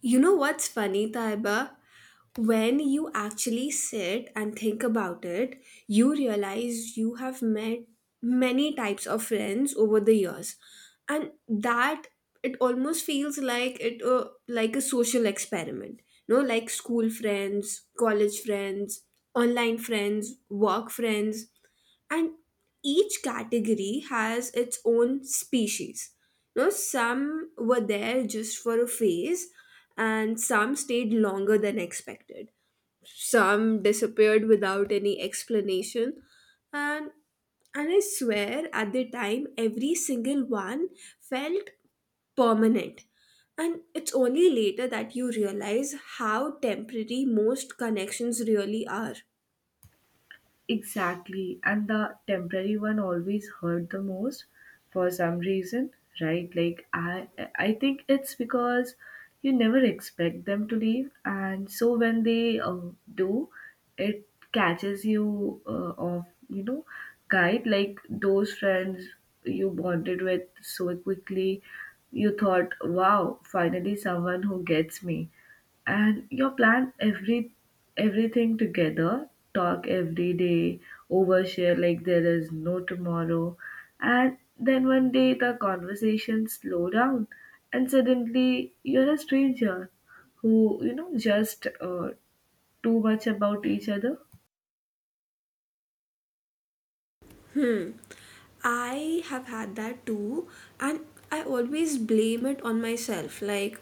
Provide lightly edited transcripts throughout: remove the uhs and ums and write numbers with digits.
You know what's funny, Taiba? When you actually sit and think about it, you realize you have met many types of friends over the years, and that it almost feels like it like a social experiment. You know, like school friends, college friends, online friends, work friends, and each category has its own species. You know, some were there just for a phase, and some stayed longer than expected. Some disappeared without any explanation, and and I swear at the time every single one felt permanent, and it's only later that you realize how temporary most connections really are. Exactly. And the temporary one always hurt the most for some reason, right? Like I think it's because you never expect them to leave, and so when they do, it catches you off, guide like those friends you bonded with so quickly. You thought, "Wow, finally someone who gets me." And you plan everything together, talk every day, overshare like there is no tomorrow. And then one day the conversation slow down and suddenly you're a stranger who just too much about each other. Hmm. I have had that too, and I always blame it on myself. Like,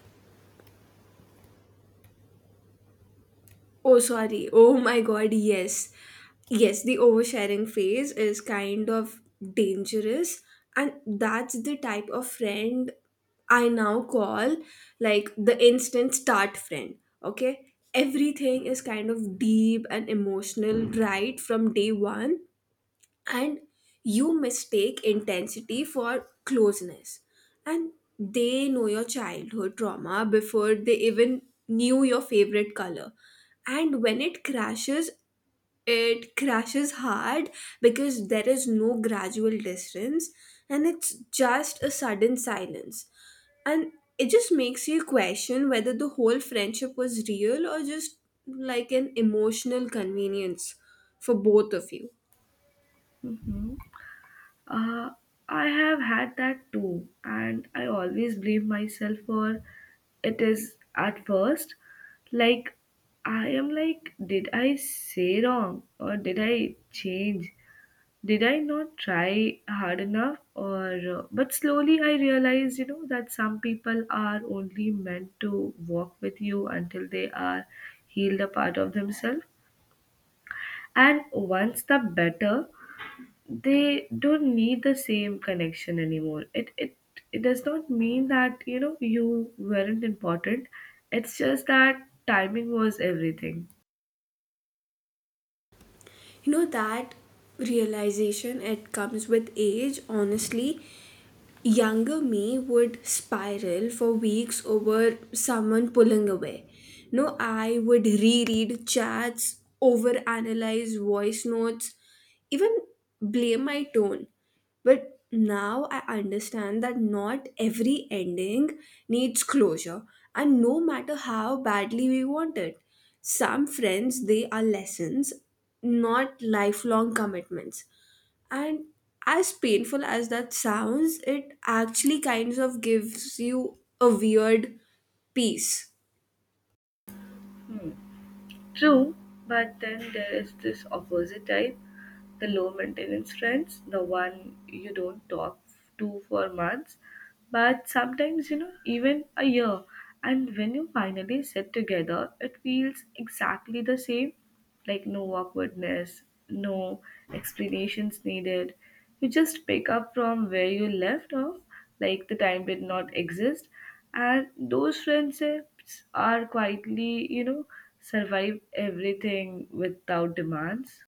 oh, sorry, oh my god, yes. Yes, the oversharing phase is kind of dangerous, and that's the type of friend I now call like the instant start friend. Okay, everything is kind of deep and emotional right from day one, and you mistake intensity for closeness, and they know your childhood trauma before they even knew your favorite color. And when it crashes, it crashes hard, because there is no gradual distance, and it's just a sudden silence. And it just makes you question whether the whole friendship was real or just like an emotional convenience for both of you. Hmm. Uh, I have had that too, and I always blame myself for it is at first. Like, I am like, did I say wrong or did I change? Did I not try hard enough? Or, but slowly I realized, that some people are only meant to walk with you until they are healed a part of themselves. And once the better, they don't need the same connection anymore. It does not mean that you weren't important. It's just that timing was everything. You know, that realization, it comes with age, honestly. Younger me would spiral for weeks over someone pulling away. No, I would reread chats, overanalyze voice notes, even blame my tone. But now I understand that not every ending needs closure, and no matter how badly we want it, some friends they are lessons, not lifelong commitments. And as painful as that sounds, it actually kinds of gives you a weird peace. True. But then there is this opposite type, the low maintenance friends, the one you don't talk to for months but sometimes even a year. And when you finally sit together, it feels exactly the same, like no awkwardness, no explanations needed. You just pick up from where you left off, like the time did not exist. And those friendships are quietly, survive everything without demands.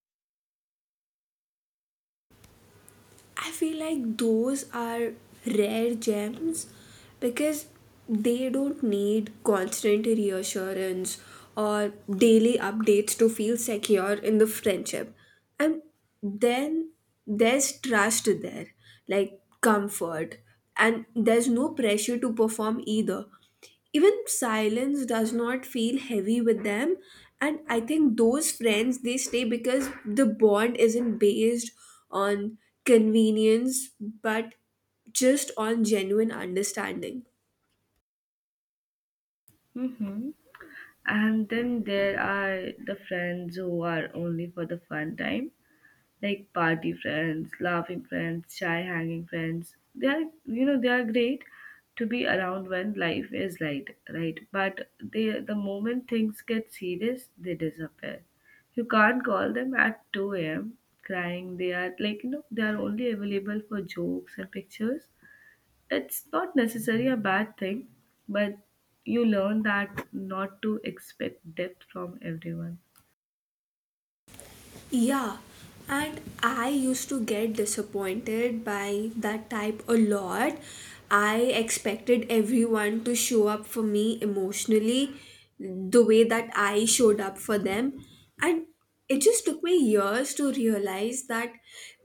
I feel like those are rare gems, because they don't need constant reassurance or daily updates to feel secure in the friendship. And then there's trust there, like comfort, and there's no pressure to perform either. Even silence does not feel heavy with them, and I think those friends they stay because the bond isn't based on convenience, but just on genuine understanding. Hmm. And then there are the friends who are only for the fun time, like party friends, laughing friends, shy hanging friends. They are, they are great to be around when life is light, right? But they, the moment things get serious, they disappear. You can't call them at 2 a.m. crying. They are like, they are only available for jokes and pictures. It's not necessarily a bad thing, but you learn that not to expect depth from everyone. Yeah, and I used to get disappointed by that type a lot. I expected everyone to show up for me emotionally the way that I showed up for them. And it just took me years to realize that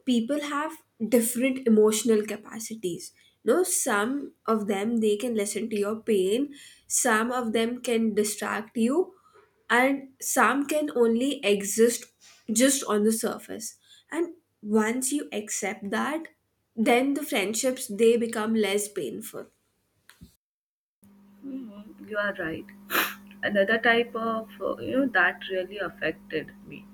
people have different emotional capacities. No, some of them they can listen to your pain, some of them can distract you, and some can only exist just on the surface. And once you accept that, then the friendships they become less painful. Mhm. You are right. Another type of, that really affected me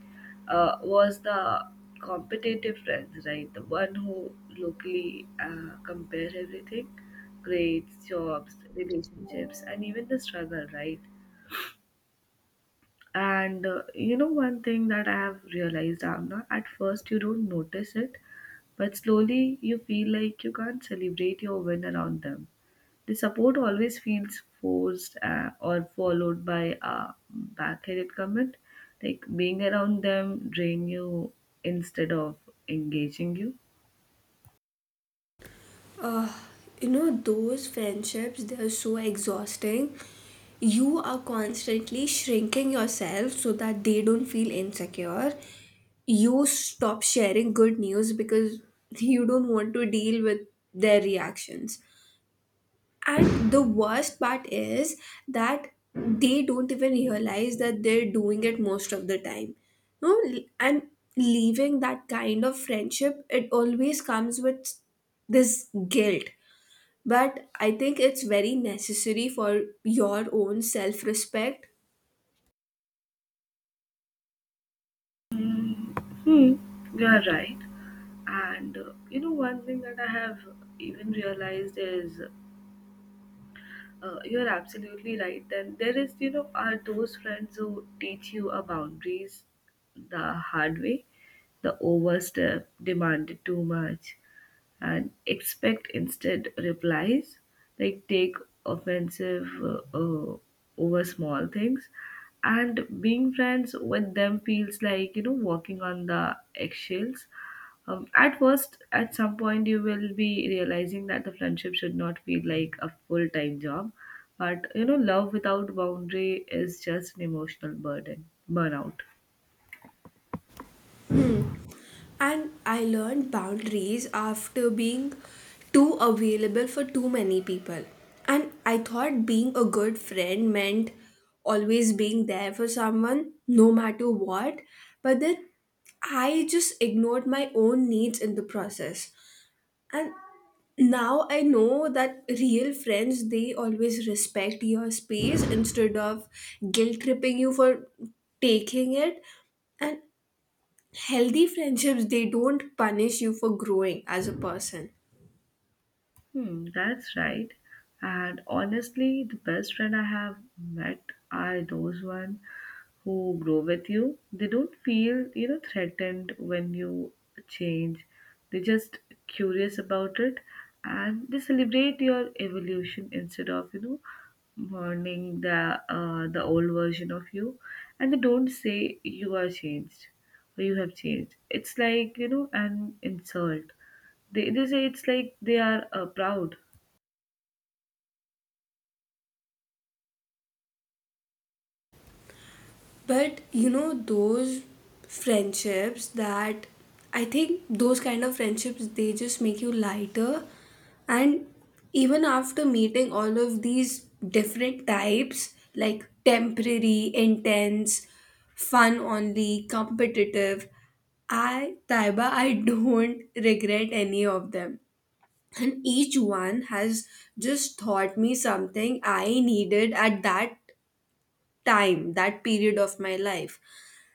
was the competitive friends, right? The one who locally compare everything: grades, jobs, relationships, and even the struggle, right? And one thing that I have realized, Amna, at first you don't notice it, but slowly you feel like you can't celebrate your win around them. The support always feels forced or followed by a backhanded comment, like being around them drain you instead of engaging you. uh, you know, those friendships they are so exhausting. You are constantly shrinking yourself so that they don't feel insecure. You stop sharing good news because you don't want to deal with their reactions. And the worst part is that they don't even realize that they're doing it most of the time. No, and leaving that kind of friendship, it always comes with this guilt. But I think it's very necessary for your own self respect. Hmm, you are right. And one thing that I have even realized is you're absolutely right. Then there is, are those friends who teach you a boundaries the hard way, the overstep, demanded too much, and expect instead replies, like take offensive over small things. And being friends with them feels like walking on the eggshells. At first, at some point you will be realizing that the friendship should not feel like a full-time job, but love without boundary is just an emotional burden burnout. And I learned boundaries after being too available for too many people. And I thought being a good friend meant always being there for someone, no matter what. But then I just ignored my own needs in the process. And now I know that real friends, they always respect your space instead of guilt tripping you for taking it. And healthy friendships they don't punish you for growing as a person. Hmm, that's right. And honestly, the best friend I have met are those one who grow with you. They don't feel, threatened when you change. They're just curious about it, and they celebrate your evolution instead of, mourning the old version of you. And they don't say you are changed or you have changed. It's like, an insult. They say it's like they are proud. But you know those friendships that, I think those kind of friendships they just make you lighter. And even after meeting all of these different types, like temporary, intense, fun only, competitive, I, Taiba, I don't regret any of them. And each one has just taught me something I needed at that time, that period of my life.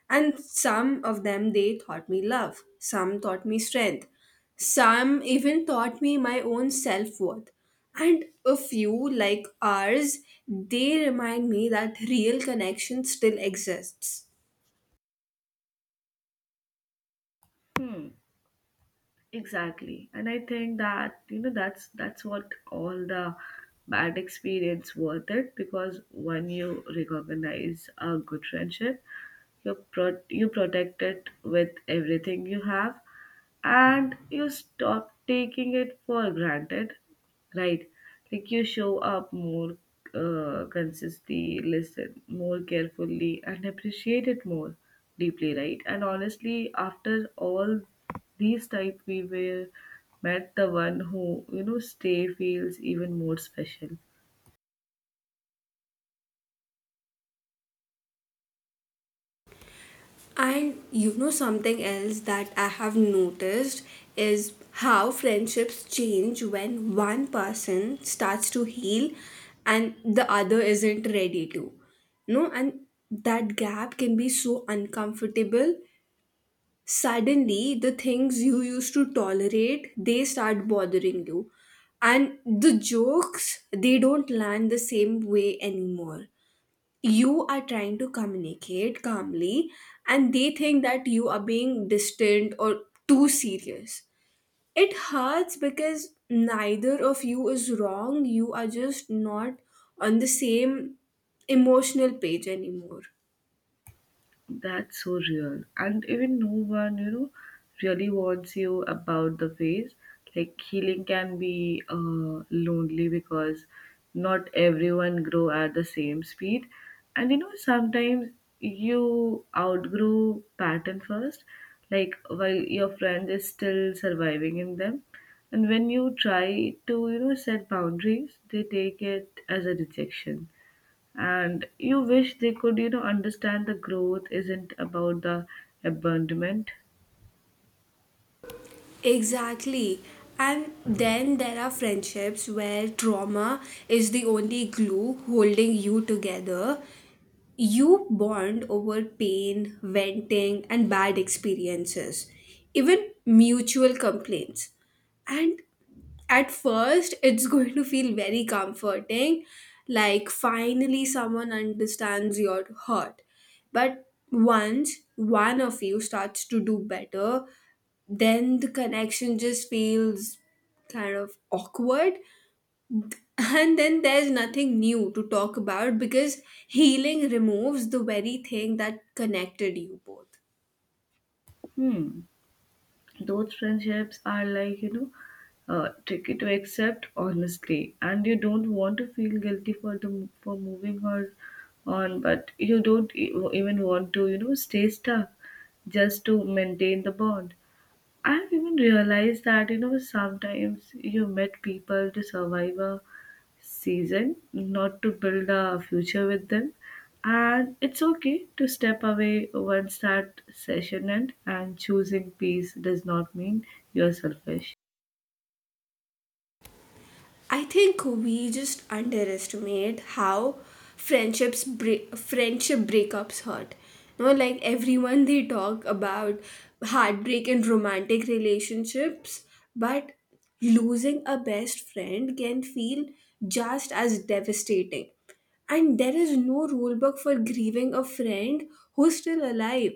And some of them they taught me love, some taught me strength, some even taught me my own self-worth. And a few, like ours, they remind me that real connection still exists. Hmm, exactly. And I think that, that's what all the bad experience worth it, because when you recognize a good friendship, you you protect it with everything you have and you stop taking it for granted, right? Like you show up more consistently, listen more carefully, and appreciate it more deeply, right? And honestly, after all these type we were met, the one who stay feels even more special. And you know something else that I have noticed is how friendships change when one person starts to heal and the other isn't ready to. No, and that gap can be so uncomfortable. Suddenly, the things you used to tolerate, they start bothering you. And the jokes, they don't land the same way anymore. You are trying to communicate calmly and they think that you are being distant or too serious. It hurts because neither of you is wrong, you are just not on the same emotional page anymore. That's so real. And even no one, really wants you about the phase. Like healing can be lonely because not everyone grow at the same speed. And you know, sometimes you outgrow pattern first, like while your friend is still surviving in them. And when you try to, set boundaries, they take it as a rejection, and you wish they could understand the growth isn't about the abandonment. Exactly. And then there are friendships where trauma is the only glue holding you together. You bond over pain, venting, and bad experiences, even mutual complaints. And at first, it's going to feel very comforting, like finally someone understands your hurt. But once one of you starts to do better, then the connection just feels kind of awkward. And then there's nothing new to talk about because healing removes the very thing that connected you both. Hmm. Those friendships are like tricky to accept, honestly. And you don't want to feel guilty for the for moving her on, but you don't even want to stay stuck just to maintain the bond. I've even realized that sometimes you met people to survive a season, not to build a future with them. And it's okay to step away once that session ends, and choosing peace does not mean you're selfish. I think we just underestimate how friendship breakups hurt. You know, like everyone they talk about heartbreak in romantic relationships, but losing a best friend can feel just as devastating. And there is no rule book for grieving a friend who's still alive.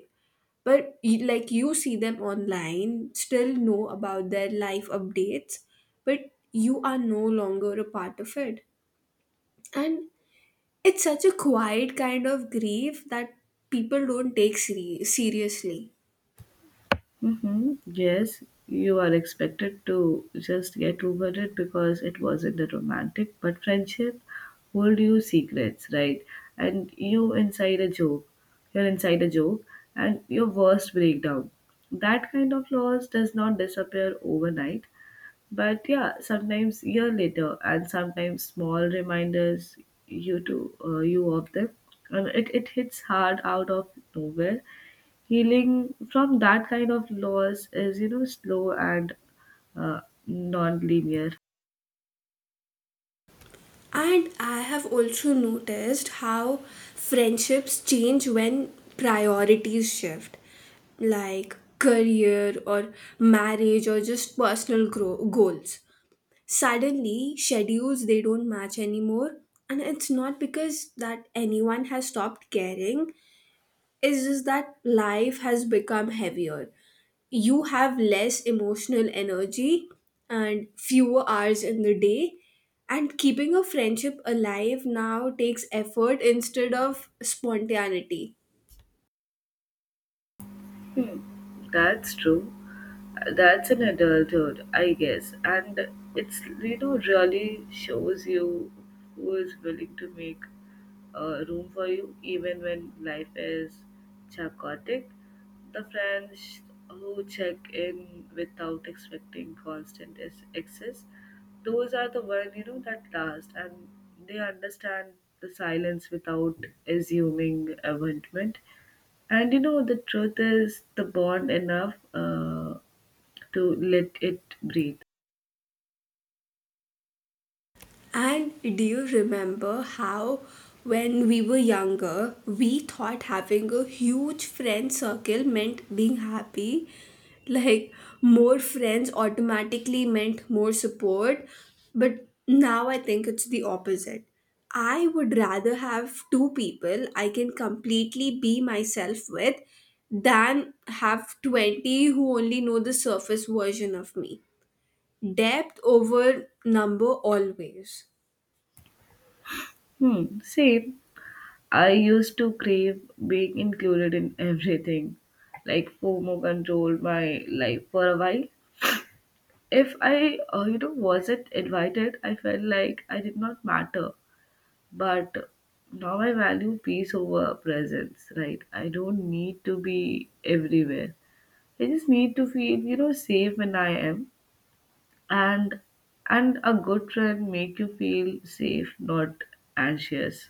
But like you see them online, still know about their life updates, but you are no longer a part of it. And it's such a quiet kind of grief that people don't take seriously. Mm-hmm. Yes, you are expected to just get over it because it wasn't a romantic, but friendship hold you secrets, right? And you're inside a joke, and your worst breakdown. That kind of loss does not disappear overnight. But yeah, sometimes year later, and sometimes small reminders you to you of them, and it hits hard out of nowhere. Healing from that kind of loss is slow and uh, non-linear. And I have also noticed how friendships change when priorities shift, like career or marriage or just personal goals. Suddenly schedules they don't match anymore, and it's not because that anyone has stopped caring. It's just that life has become heavier. You have less emotional energy and fewer hours in the day, and keeping a friendship alive now takes effort instead of spontaneity. That's true. That's an adulthood, I guess. And it's, really shows you who is willing to make room for you, even when life is chaotic. The friends who check in without expecting constant access, those are the one that last, and they understand the silence without assuming abandonment. And you know, the truth is the bond enough to let it breathe. And do you remember how, when we were younger, we thought having a huge friend circle meant being happy? Like, more friends automatically meant more support. But now I think it's the opposite. I would rather have two people I can completely be myself with than have 20 who only know the surface version of me. Depth over number always. Hmm, same. I used to crave being included in everything, like FOMO controlled my life for a while. If I, wasn't invited, I felt like I did not matter. But now I value peace over presence, right? I don't need to be everywhere. I just need to feel, safe when I am. and and a good friend make you feel safe, not anxious.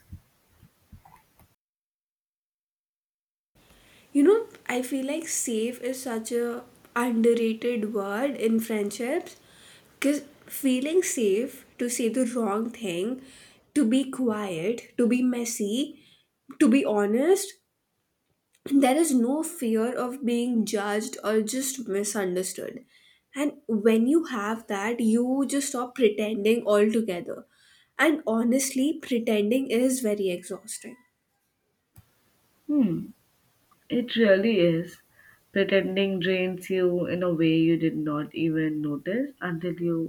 You know, I feel like safe is such a underrated word in friendships, because feeling safe to say the wrong thing, to be quiet, to be messy, to be honest, there is no fear of being judged or just misunderstood. And when you have that, you just stop pretending altogether. And honestly, pretending is very exhausting. It really is. Pretending drains you in a way you did not even notice until you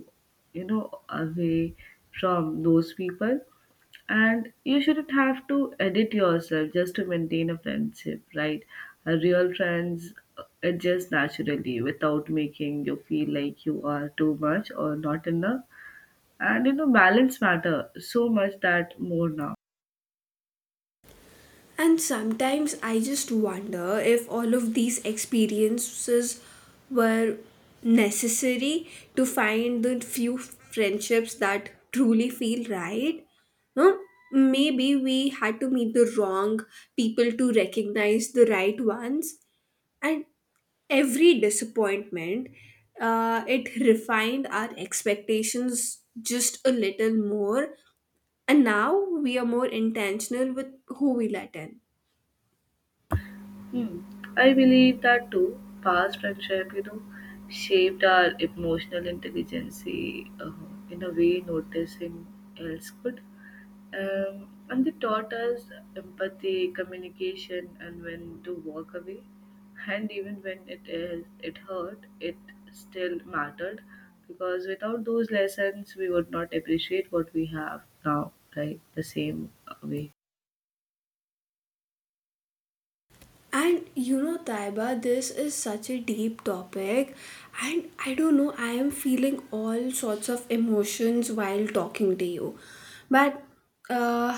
you know away from those people. And you shouldn't have to edit yourself just to maintain a friendship, right? A real friends adjust naturally without making you feel like you are too much or not enough. And you know, balance matter so much that more now. And sometimes I just wonder if all of these experiences were necessary to find the few friendships that truly feel right. No, maybe we had to meet the wrong people to recognize the right ones, and every disappointment, it refined our expectations just a little more. And now we are more intentional with who we let in. Hmm. I believe that too. Past friendship, shaped our emotional intelligence in a way noticing else could. And they taught us empathy, communication, and when to walk away. And even when it is, it hurt, it still mattered because without those lessons, we would not appreciate what we have now, right? The same way. And you know, Taiba, this is such a deep topic, and I don't know, I am feeling all sorts of emotions while talking to you. But, uh,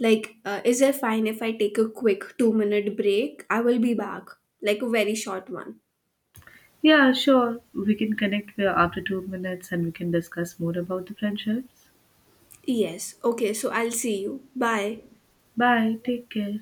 is it fine if I take a quick 2 minute break? I will be back, like a very short one. Yeah, sure. We can connect after 2 minutes and we can discuss more about the friendships. Yes, okay, so I'll see you. Bye. Bye. Take care.